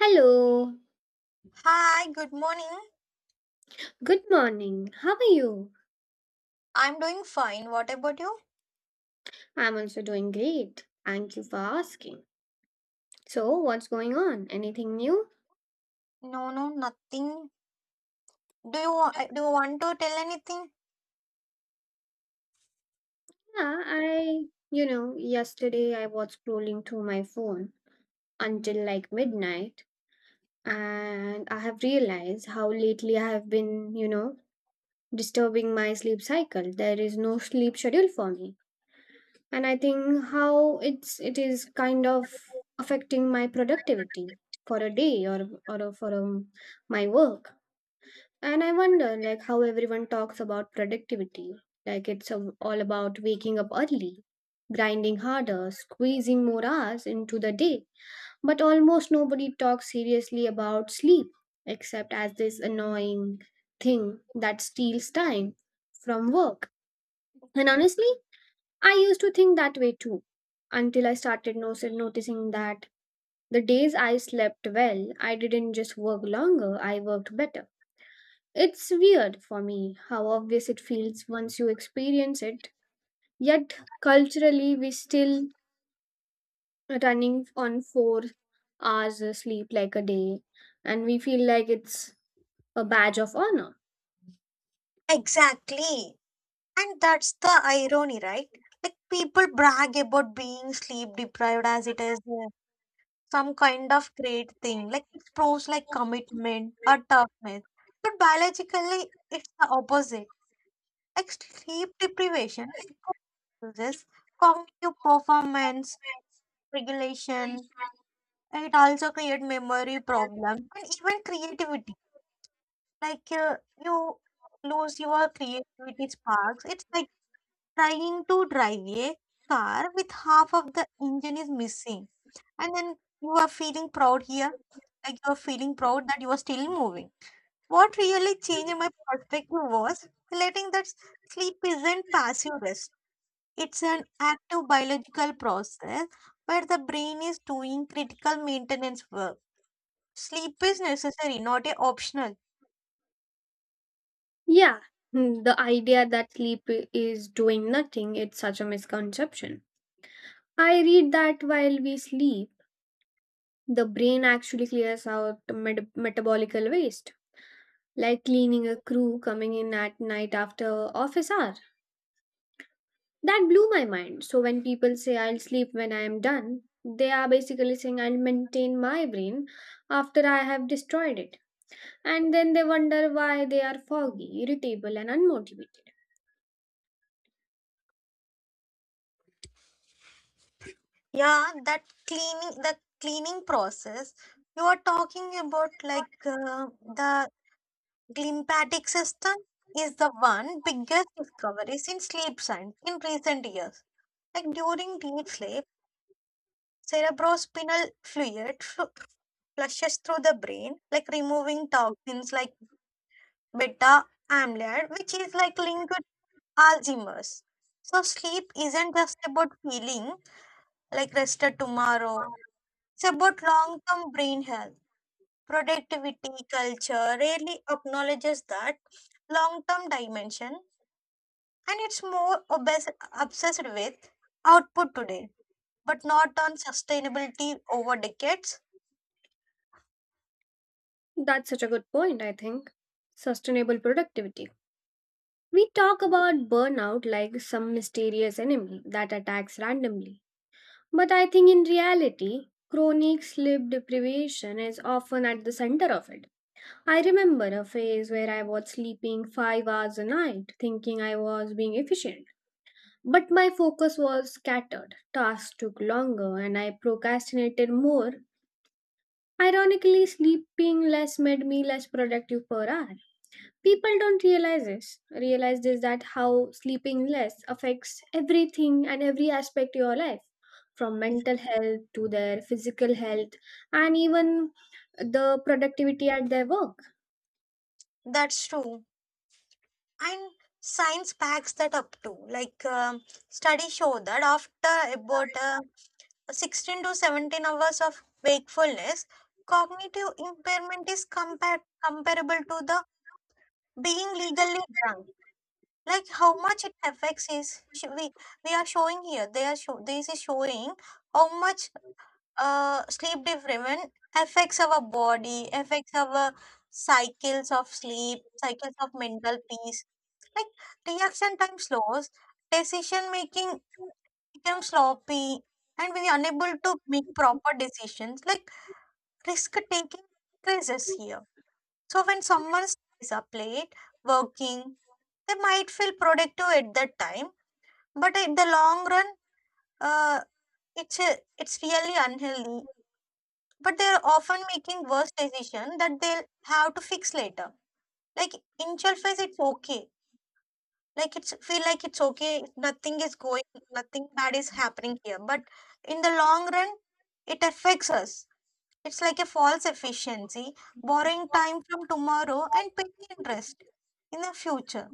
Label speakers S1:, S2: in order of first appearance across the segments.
S1: Hello,
S2: Hi, good morning.
S1: good morning. How are you?
S2: I'm doing fine. What about you?
S1: I'm also doing great. Thank you for asking. So, what's going on? Anything new?
S2: No, no, nothing. Do you want to tell anything?
S1: Yeah, I yesterday I was scrolling through my phone until like midnight, and I have realized how lately I have been, disturbing my sleep cycle. There is no sleep schedule for me. And I think how it is kind of affecting my productivity for a day or for my work. And I wonder like how everyone talks about productivity like all about waking up early, grinding harder, squeezing more hours into the day, but almost nobody talks seriously about sleep except as this annoying thing that steals time from work. And honestly, I used to think that way too, until I started noticing that the days I slept well, I didn't just work longer, I worked better. It's weird for me how obvious it feels once you experience it, yet culturally, we still running on 4 hours of sleep like a day, and we feel like it's a badge of honor.
S2: Exactly. And that's the irony, right? Like people brag about being sleep deprived as it is some kind of great thing. Like it proves like commitment or toughness. But biologically, it's the opposite. Like sleep deprivation like, causes cognitive performance regulation, it also create memory problem and even creativity. Like you lose your creativity sparks. It's like trying to drive a car with half of the engine is missing, and then you are feeling proud here, like you are feeling proud that you are still moving. What really changed my perspective was letting that sleep isn't passive rest. It's an active biological process where the brain is doing critical maintenance work. Sleep is necessary, not a optional.
S1: Yeah, the idea that is doing nothing, it's such a misconception. I read that while we sleep, the brain actually clears out metabolical waste, like cleaning a crew coming in at night after office hour. That blew my mind. So when people say I'll sleep when I am done, they are basically saying I'll maintain my brain after I have destroyed it. And then they wonder why they are foggy, irritable, and unmotivated.
S2: Yeah, that cleaning, the cleaning process you are talking about, like the lymphatic system, is the one biggest discoveries in sleep science in recent years. Like during deep sleep, cerebrospinal flushes through the brain, like removing toxins like beta amyloid, which is like linked with Alzheimer's. So sleep isn't just about feeling like rested tomorrow. It's about long term brain health. Productivity culture rarely acknowledges that long term dimension, and it's more obsessed with output today, but not on sustainability over decades.
S1: That's such a good point, I think. Sustainable productivity. We talk about burnout like some mysterious enemy that attacks randomly. But I think in reality, chronic sleep deprivation is often at the center of it. I remember a phase where I was sleeping 5 hours a night, thinking I was being efficient. But my focus was scattered, tasks took longer, and I procrastinated more. Ironically, sleeping less made me less productive per hour. People don't realize this that how sleeping less affects everything and every aspect of your life, from mental health to their physical health, and even the productivity at their work.
S2: That's true. And science backs that up too. Like studies show that after about 16 to 17 hours of wakefulness, cognitive impairment is comparable to the being legally drunk, like how much it affects is we are showing here, they are show, this is showing how much sleep deprivation affects our body, affects our cycles of sleep, cycles of mental peace, like reaction time slows, decision making becomes sloppy, and we are unable to make proper decisions like risk taking increases here. So when someone stays up late working, they might feel productive at that time, but in the long run, uh, it's a, it's really unhealthy, but they're often making worse decision that they'll have to fix later. Like initial phase it's okay, like it's feel like it's okay, nothing is going, nothing bad is happening here, but in the long run it affects us. It's like a false efficiency, borrowing time from tomorrow and paying interest in the future.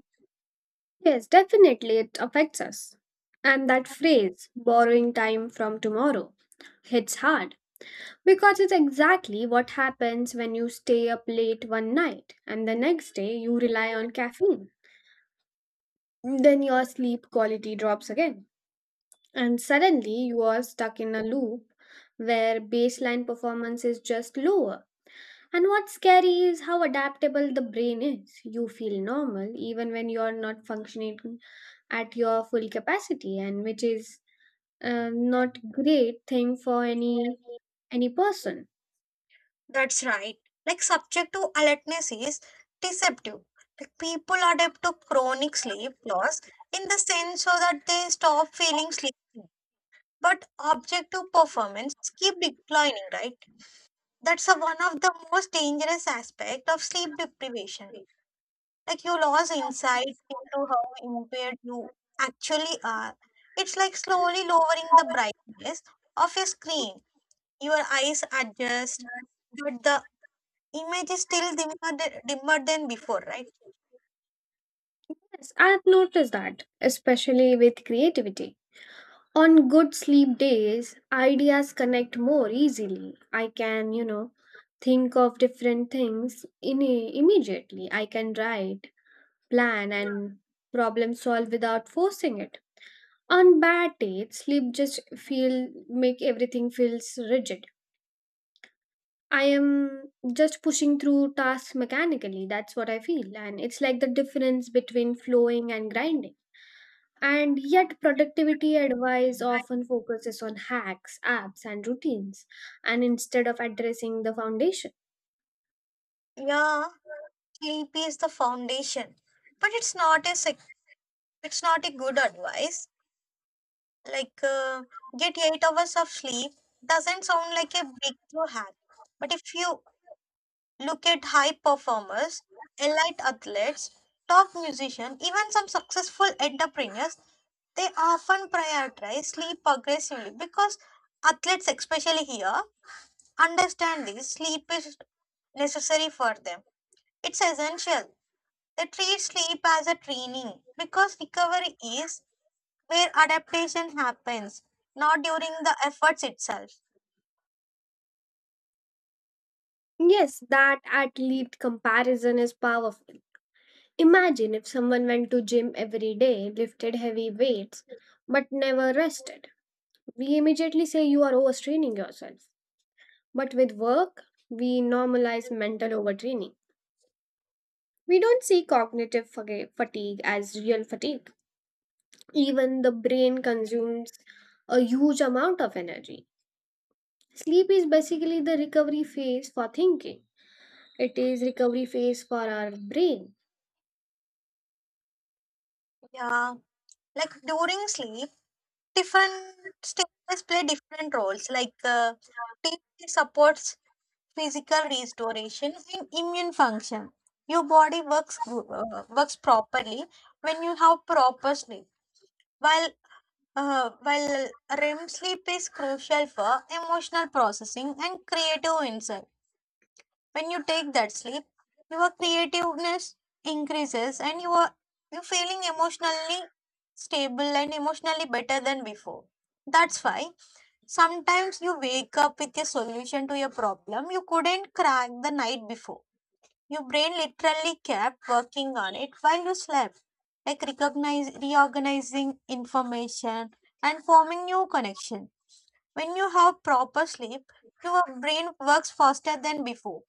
S1: Yes, definitely it affects us. And that phrase borrowing time from tomorrow hits hard, because it's exactly what happens when you stay up late one night and the next day you rely on caffeine, then your sleep quality drops again. And suddenly you are stuck in a loop where baseline performance is just lower. And what's scary is how adaptable the brain is. You feel normal even when you're not functioning at your full capacity, and which is not great thing for any person.
S2: That's right. Like subjective alertness is deceptive. Like people adapt to chronic sleep loss in the sense so that they stop feeling sleepy. But objective performance keep declining, right? That's a, one of the most dangerous aspect of sleep deprivation. Like you lose insight into how impaired you actually are. It's like slowly lowering the brightness of your screen. Your eyes adjust but the image is still dimmer than before, right?
S1: Yes, I've noticed that, especially with creativity. On good sleep days, ideas connect more easily. I can, think of different things in immediately. I can write, plan, and problem solve without forcing it. On bad days, sleep just feel make everything feels rigid. I am just pushing through tasks mechanically. That's what I feel, and it's like the difference between flowing and grinding. And yet, productivity advice often focuses on hacks, apps, and routines, and instead of addressing the foundation.
S2: Yeah, sleep is the foundation, but it's not a sec- it's not a good advice. Like get 8 hours of sleep doesn't sound like a breakthrough hack, but if you look at high performers, elite athletes, top musicians, even some successful entrepreneurs, they often prioritize sleep aggressively because athletes, especially here, understand this sleep is necessary for them. It's essential. They treat sleep as a training because recovery is where adaptation happens, not during the efforts itself.
S1: Yes, that athlete comparison is powerful. Imagine if someone went to gym every day, lifted heavy weights, but never rested. We immediately say you are overstraining yourself. But with work, we normalize mental overtraining. We don't see cognitive fatigue as real fatigue. Even the brain consumes a huge amount of energy. Sleep is basically the recovery phase for thinking. It is recovery phase for our brain.
S2: Yeah, like during sleep, different stages play different roles. Like sleep supports physical restoration and immune function. Your body works properly when you have proper sleep, while Uh, while REM sleep is crucial for emotional processing and creative insight. When you take that sleep, your creativeness increases and you're feeling emotionally stable and emotionally better than before. That's why sometimes you wake up with a solution to your problem you couldn't crack the night before. Your brain literally kept working on it while you slept, like recognize, reorganizing information and forming new connection. When you have proper sleep, your brain works faster than before.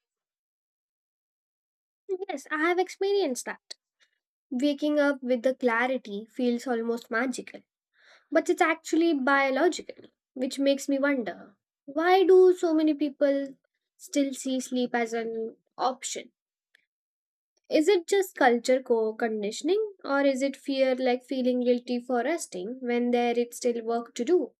S1: Yes, I have experienced that. Waking up with the clarity feels almost magical, but it's actually biological, which makes me wonder why do so many people still see sleep as an option. Is it just culture conditioning or is it fear like feeling guilty for resting when there is still work to do?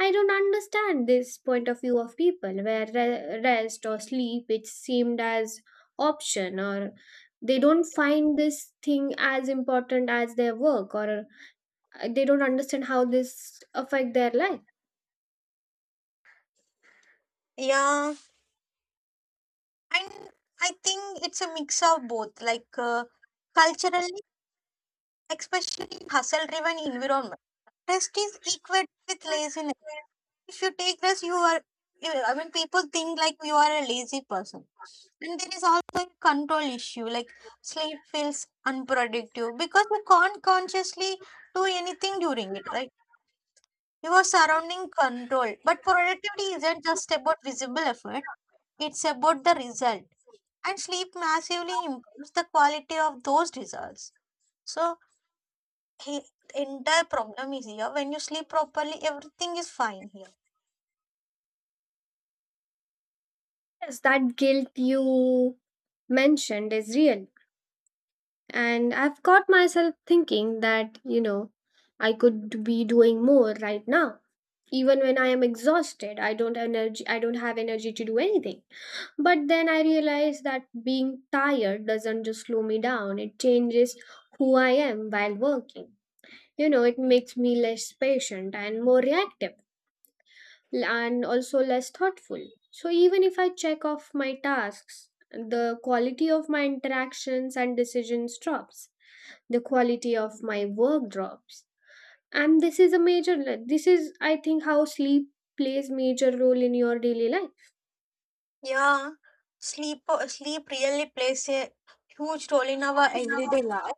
S1: I don't understand this point of view of people where rest or sleep it seemed as option, or they don't find this thing as important as their work, or they don't understand how this affect their life.
S2: Yeah, and I think it's a mix of both. Like culturally, especially in hustle driven environment, rest is equated with laziness. If you take rest you are, I mean people think like you are a lazy person. And there is also a control issue, like sleep feels unproductive because you can't consciously do anything during it, right? Your surrounding control, but productivity isn't just about visible effort, it's about the result, and sleep massively improves the quality of those results. So he, the entire problem is here. When you sleep properly, everything is fine here.
S1: Yes, that guilt you mentioned is real. And I've caught myself thinking that, I could be doing more right now. Even when I am exhausted, I don't have energy to do anything. But then I realize that being tired doesn't just slow me down. It changes who I am while working. You know, it makes me less patient and more reactive, and also less thoughtful. So even if I check off my tasks, the quality of my interactions and decisions drops, the quality of my work drops. And this is a major, this is I think how sleep plays major role in your daily life.
S2: Yeah, sleep really plays a huge role in our everyday life.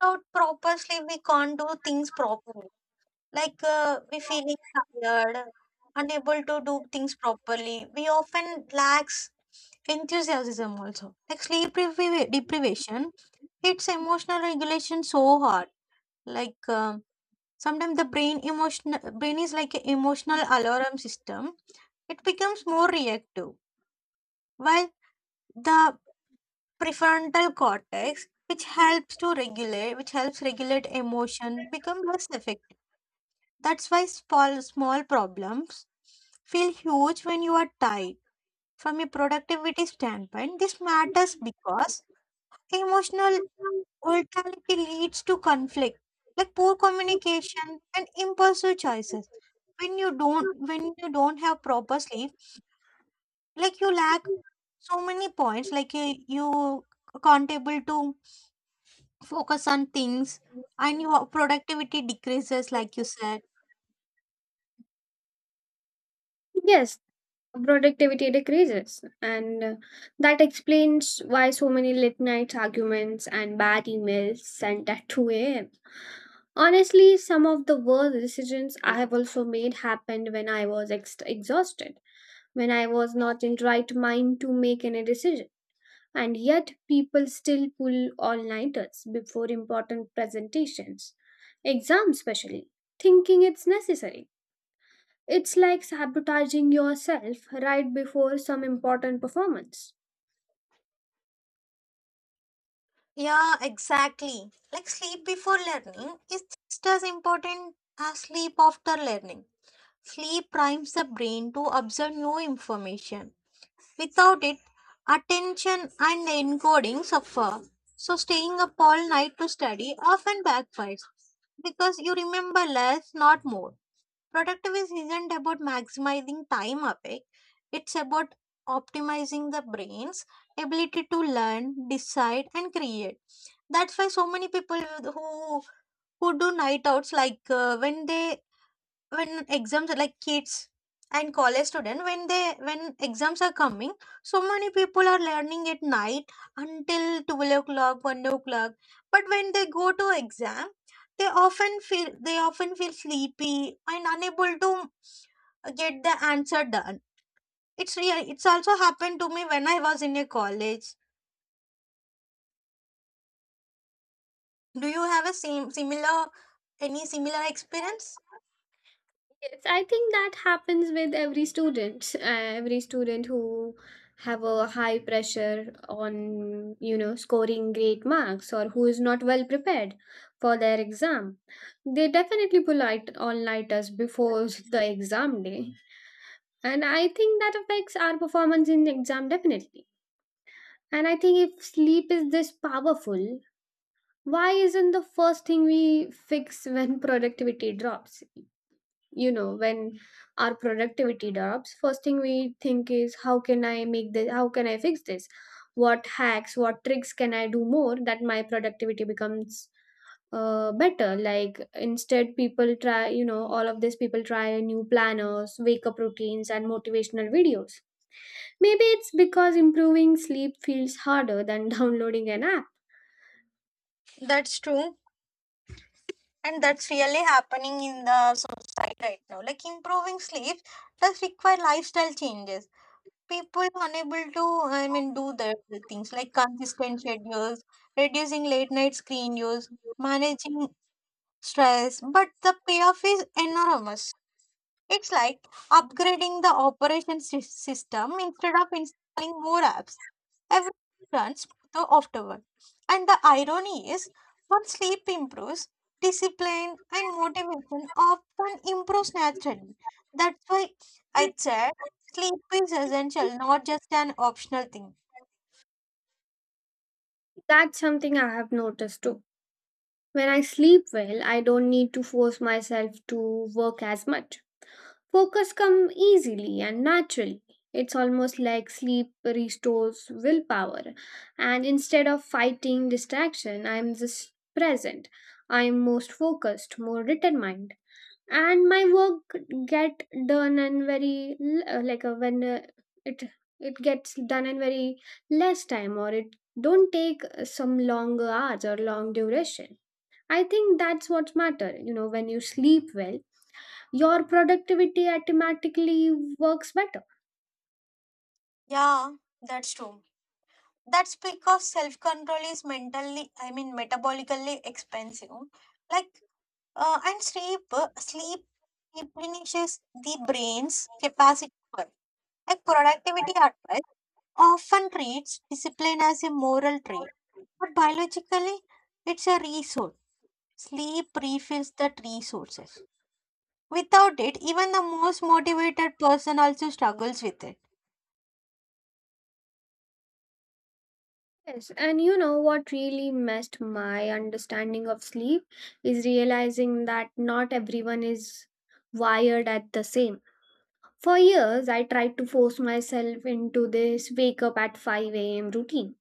S2: Without proper sleep, we can't do things properly. Like we feeling tired, unable to do things properly. We often lacks enthusiasm also. Like sleep deprivation, it's emotional regulation so hard. Like. um Sometimes the brain emotional brain is like an emotional alarm system, it becomes more reactive, while the prefrontal cortex which helps to regulate which helps regulate emotion become less effective. That's why small small problems feel huge when you are tired. From a productivity standpoint this matters because emotional virtuality leads to conflict, like poor communication and impulsive choices. When you don't have proper sleep, like you lack so many points. Like you can't able to focus on things, and your productivity decreases, like you said.
S1: Yes, productivity decreases. And that explains why so many late night arguments and bad emails sent at 2 a.m. Honestly, some of the worst decisions I have also made happened when I was exhausted, when I was not in right mind to make any decision. And yet people still pull all nighters before important presentations, exams especially, thinking it's necessary. It's like sabotaging yourself right before some important performance.
S2: Yeah, exactly. Like sleep before learning is just as important as sleep after learning. Sleep primes the brain to absorb new information. Without it, attention and encoding suffer. So, staying up all night to study often backfires because you remember less, not more. Productivity isn't about maximizing time awake, it's about optimizing the brain's ability to learn, decide, and create. That's why so many people who do night outs, like when exams are, like kids and college student, when they when exams are coming, so many people are learning at night until 12 o'clock, 1 o'clock, but when they go to exam they often feel sleepy and unable to get the answer done. It's real, it's also happened to me when I was in a college. Do you have a same similar any similar experience?
S1: Yes, I think that happens with every student who have a high pressure on, you know, scoring great marks, or who is not well prepared for their exam. They definitely pull out all nighters before the exam day. And I think that affects our performance in the exam definitely. And I think, if sleep is this powerful, why isn't the first thing we fix when productivity drops? You know, when our productivity drops, first thing we think is how can I fix this? What hacks, what tricks can I do more that my productivity becomes better. Like, instead, people try, you know, all of these people try new planners, wake up routines, and motivational videos. Maybe it's because improving sleep feels harder than downloading an app.
S2: That's true, and that's really happening in the right now. Like improving sleep does require lifestyle changes, people unable to, I mean, do the things like consistent schedules, reducing late night screen use, managing stress, but the payoff is enormous. It's like upgrading the operation system instead of installing more apps. Everyone runs to the afterward. And the irony is, once sleep improves, discipline and motivation often improves naturally. That's why I said sleep is essential, not just an optional thing.
S1: That's something I have noticed too. When I sleep well, I don't need to force myself to work as much. Focus come easily and naturally. It's almost like sleep restores willpower. And instead of fighting distraction, I'm just present. I'm most focused, more determined. And my work get done in very like a, when it it gets done in very less time, or it don't take some long hours or long duration. I think that's what matter. You know, when you sleep well, your productivity automatically works better.
S2: Yeah, that's true. That's because self control is mentally, I mean, metabolically expensive. Like, and sleep replenishes the brain's capacity for like productivity advice, often treats discipline as a moral trait, but biologically, it's a resource. Sleep refills that resources. Without it, even the most motivated person also struggles with it.
S1: Yes, and you know what really messed my understanding of sleep is realizing that not everyone is wired at the same. For years, I tried to force myself into this wake up at 5 a.m. routine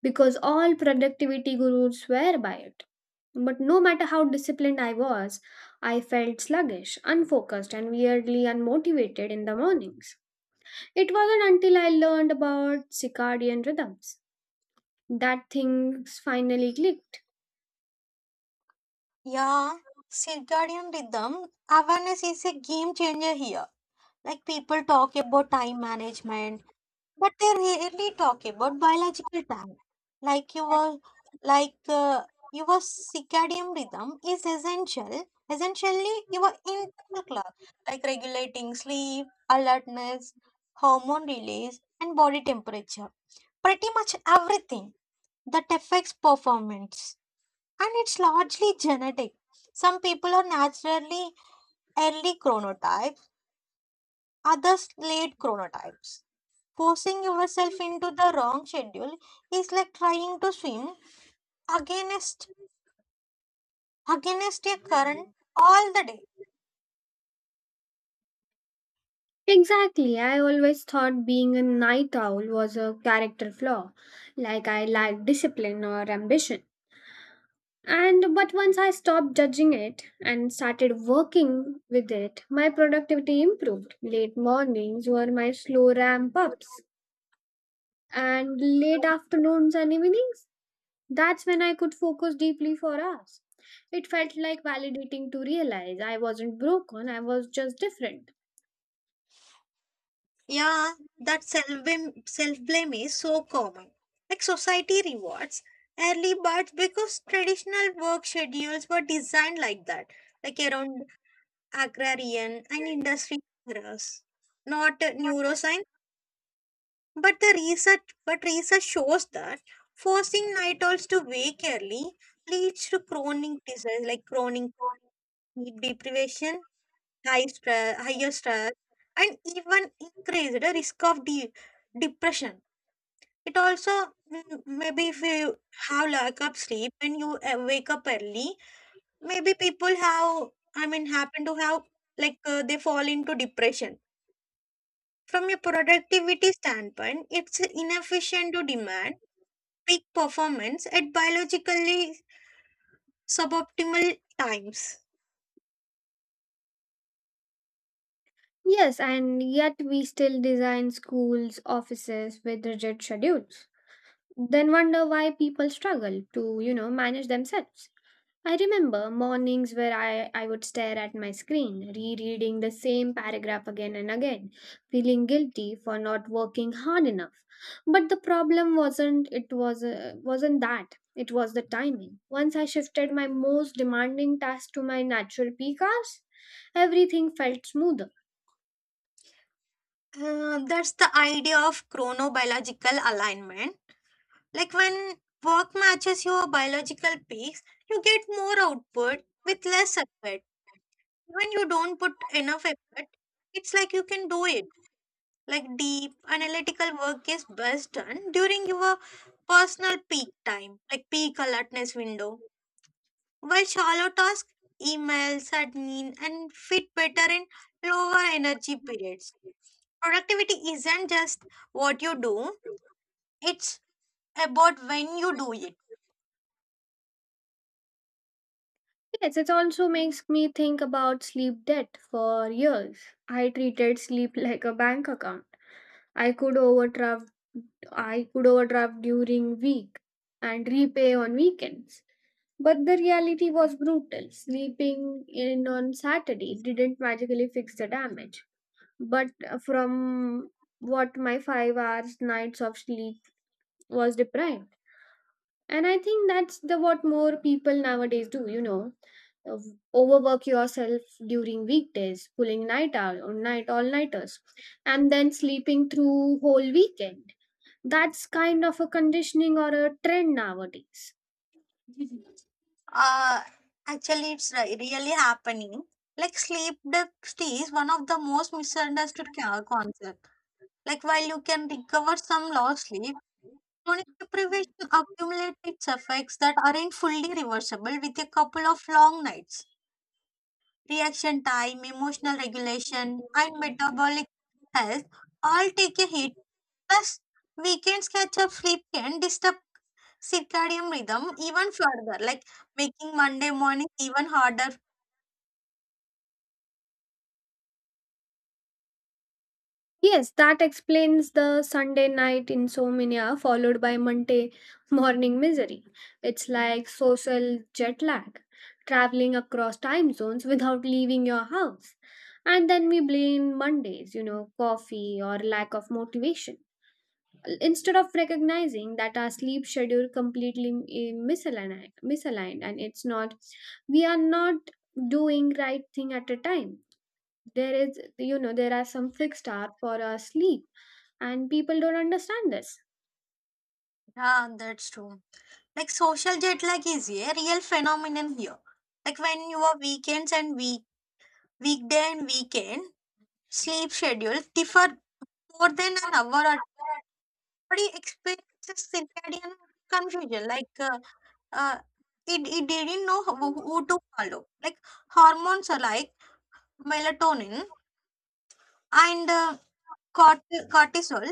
S1: because all productivity gurus swear by it. But no matter how disciplined I was, I felt sluggish, unfocused, and weirdly unmotivated in the mornings. It wasn't until I learned about circadian rhythms that things finally clicked.
S2: Yeah, circadian rhythm awareness is a game changer here. Like people talk about time management, but they rarely talk about biological time. Like your like uh, your circadian rhythm is essential. Essentially, your internal clock, like regulating sleep, alertness, hormone release, and body temperature. Pretty much everything that affects performance, and it's largely genetic. Some people are naturally early chronotypes, others late chronotypes. Forcing yourself into the wrong schedule is like trying to swim against against a current all the day.
S1: Exactly, I always thought being a night owl was a character flaw, like I lacked discipline or ambition. And but once I stopped judging it and started working with it, my productivity improved. Late mornings were my slow ramp ups, and late afternoons and evenings, that's when I could focus deeply for hours. It felt like validating to realize I wasn't broken, I was just different.
S2: Yeah, that self blame is so common. Like society rewards early birds because traditional work schedules were designed like that, like around agrarian and industry errors, not neuroscience. But research shows that forcing night owls to wake early leads to chronic disease, like chronic sleep deprivation, higher stress, and even increased risk of depression. It also, mm, maybe if you have lack of sleep and you wake up early, maybe people have, I mean, happen to have, like they fall into depression. From a productivity standpoint, it's inefficient to demand peak performance at biologically suboptimal times.
S1: Yes, and yet we still design schools, offices with rigid schedules. Then wonder why people struggle to, manage themselves. I remember mornings where I would stare at my screen, rereading the same paragraph again and again, feeling guilty for not working hard enough. But the problem wasn't that. It was the timing. Once I shifted my most demanding task to my natural peak hours, everything felt smoother.
S2: That's the idea of chronobiological alignment. Like when work matches your biological peaks, you get more output with less effort. When you don't put enough effort, it's like you can do it. Like deep analytical work is best done during your personal peak time, like peak alertness window. While shallow tasks, emails, admin, and fit better in lower energy periods. Productivity isn't just what you do, it's about when you do it.
S1: Yes, it also makes me think about sleep debt for years. I treated sleep like a bank account. I could overdraft I could overdraft during week and repay on weekends. But the reality was brutal. Sleeping in on Saturday didn't magically fix the damage. But from what my 5 hours nights of sleep was deprived. And I think that's the what more people nowadays do, you know. Uh, Overwork yourself during weekdays, pulling night out or night all nighters, and then sleeping through whole weekend. That's kind of a conditioning or a trend nowadays.
S2: Uh, actually, it's really happening. Like sleep deprivation is one of the most misunderstood concept. Like while you can recover some lost sleep, chronic deprivation accumulates its effects that aren't fully reversible with a couple of long nights. Reaction time, emotional regulation, and metabolic health all take a hit. Plus, weekends catch up sleep can disturb circadian rhythm even further, like making Monday morning even harder.
S1: Yes, that explains the Sunday night insomnia followed by Monday morning misery. It's like social jet lag, traveling across time zones without leaving your house. And then we blame Mondays, you know, coffee or lack of motivation, instead of recognizing that our sleep schedule completely misaligned, and it's not, we are not doing right thing at a time. There is, you know, there are some fixed hour for our sleep, and people don't understand this.
S2: Yeah, that's true. Like social jet lag is a real phenomenon here. Like when your weekends and week weekday and weekend sleep schedules differ more than an hour, our body experiences circadian confusion. Like Uh, it, it didn't know who to follow. Like hormones are like melatonin and cort- cortisol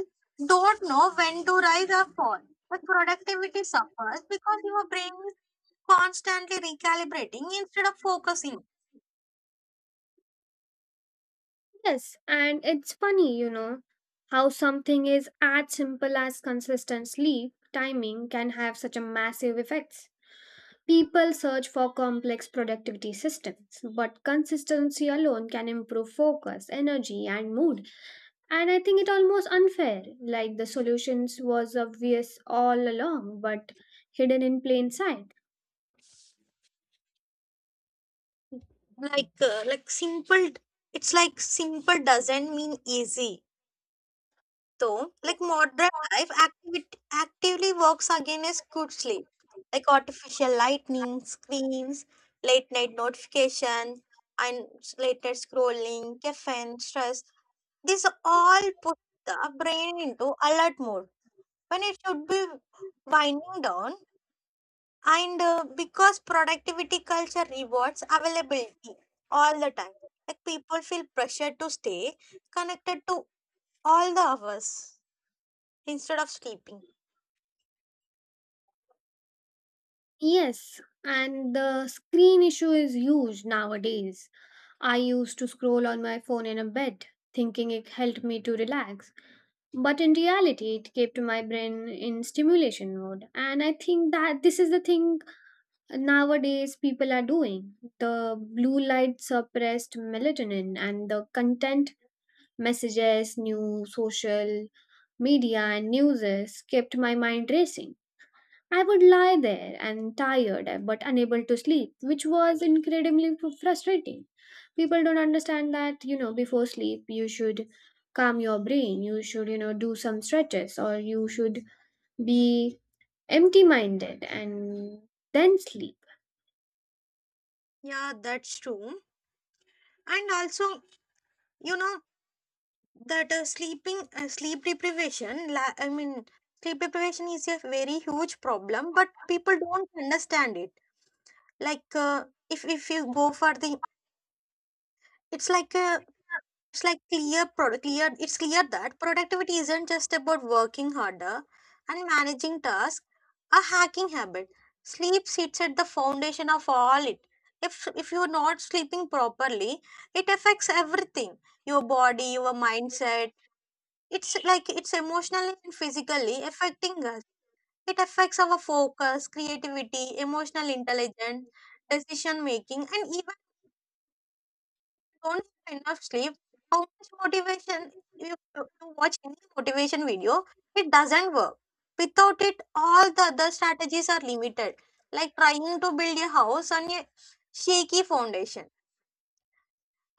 S2: don't know when to rise or fall. But productivity suffers because your brain is constantly recalibrating instead of focusing.
S1: Yes, and it's funny, you know, how something is as simple as consistent sleep timing can have such a massive effects. People search for complex productivity systems, but consistency alone can improve focus, energy, and mood. And I think it almost unfair, like the solutions was obvious all along, but hidden in plain sight.
S2: Like uh, like simple, it's like simple doesn't mean easy. So, like modern life activity actively works against good sleep, like artificial lightning, screens, late night notification, and late night scrolling, caffeine, stress. These all put the brain into alert mode when it should be winding down. And because productivity culture rewards availability all the time, like people feel pressure to stay connected to all the hours instead of sleeping.
S1: Yes, and the screen issue is huge nowadays. I used to scroll on my phone in a bed, thinking it helped me to relax. But in reality, it kept my brain in stimulation mode. And I think that this is the thing nowadays people are doing. The blue light suppressed melatonin, and the content messages, new social media, and newses kept my mind racing. I would lie there and tired but unable to sleep, which was incredibly frustrating. People don't understand that, you know, before sleep you should calm your brain, you should, you know, do some stretches, or you should be empty minded and then sleep.
S2: Yeah, that's true. And also, you know that sleep deprivation. Sleep deprivation is a very huge problem, but people don't understand it. Like, if you go for the, it's like a, it's like clear product clear it's clear that productivity isn't just about working harder and managing tasks, a hacking habit. Sleep sits at the foundation of all it. If you're not sleeping properly, it affects everything. Your body, your mindset. It's like it's emotionally and physically affecting us. It affects our focus, creativity, emotional intelligence, decision making, and even don't have enough sleep, how much motivation you watch any motivation video, it doesn't work. Without it, all the other strategies are limited, like trying to build a house on a shaky foundation.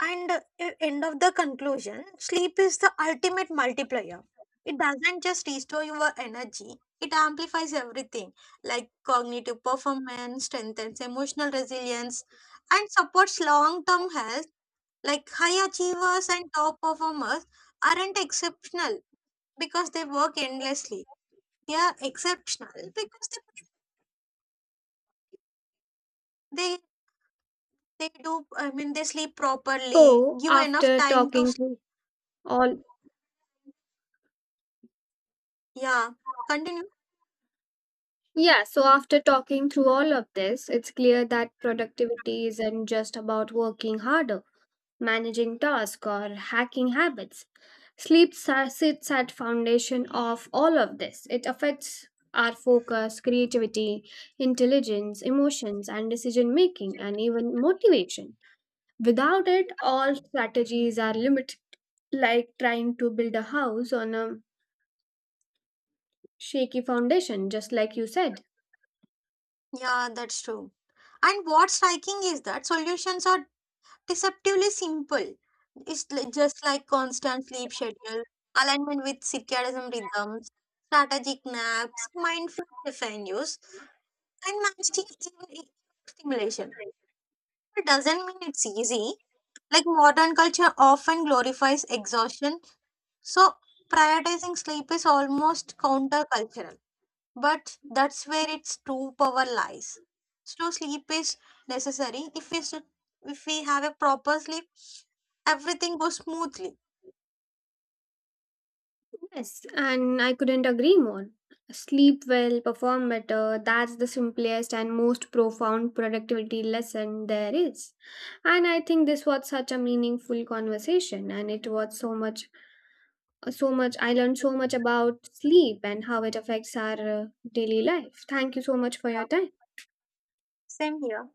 S2: And end of the conclusion, sleep is the ultimate multiplier. It doesn't just restore your energy, it amplifies everything, like cognitive performance, strengthens emotional resilience, and supports long term health. Like high achievers and top performers aren't exceptional because they work endlessly. They are exceptional because they, they do, I mean, they sleep properly,
S1: So
S2: give enough
S1: after
S2: time to
S1: talking
S2: sleep.
S1: through all,
S2: Yeah. Continue.
S1: yeah, so after talking through all of this, it's clear that productivity isn't just about working harder, managing tasks, or hacking habits. Sleep sits at foundation of all of this. It affects our focus, creativity, intelligence, emotions, and decision making, and even motivation. Without it, all strategies are limited, like trying to build a house on a shaky foundation, just like you said.
S2: Yeah, that's true. And what's striking is that solutions are deceptively simple. Just like constant sleep schedule, alignment with circadian rhythms, strategic naps, mindful caffeine use, and managing even stimulation. It doesn't mean it's easy. Like modern culture often glorifies exhaustion, so prioritizing sleep is almost countercultural. But that's where its true power lies. So sleep is necessary. If we should, if we have a proper sleep, everything goes smoothly.
S1: Yes, and I couldn't agree more. Sleep well, perform better. That's the simplest and most profound productivity lesson there is. And I think this was such a meaningful conversation, and it was so much, I learned so much about sleep and how it affects our uh, daily life. Thank you so much for your
S2: Yeah,
S1: time.
S2: same here.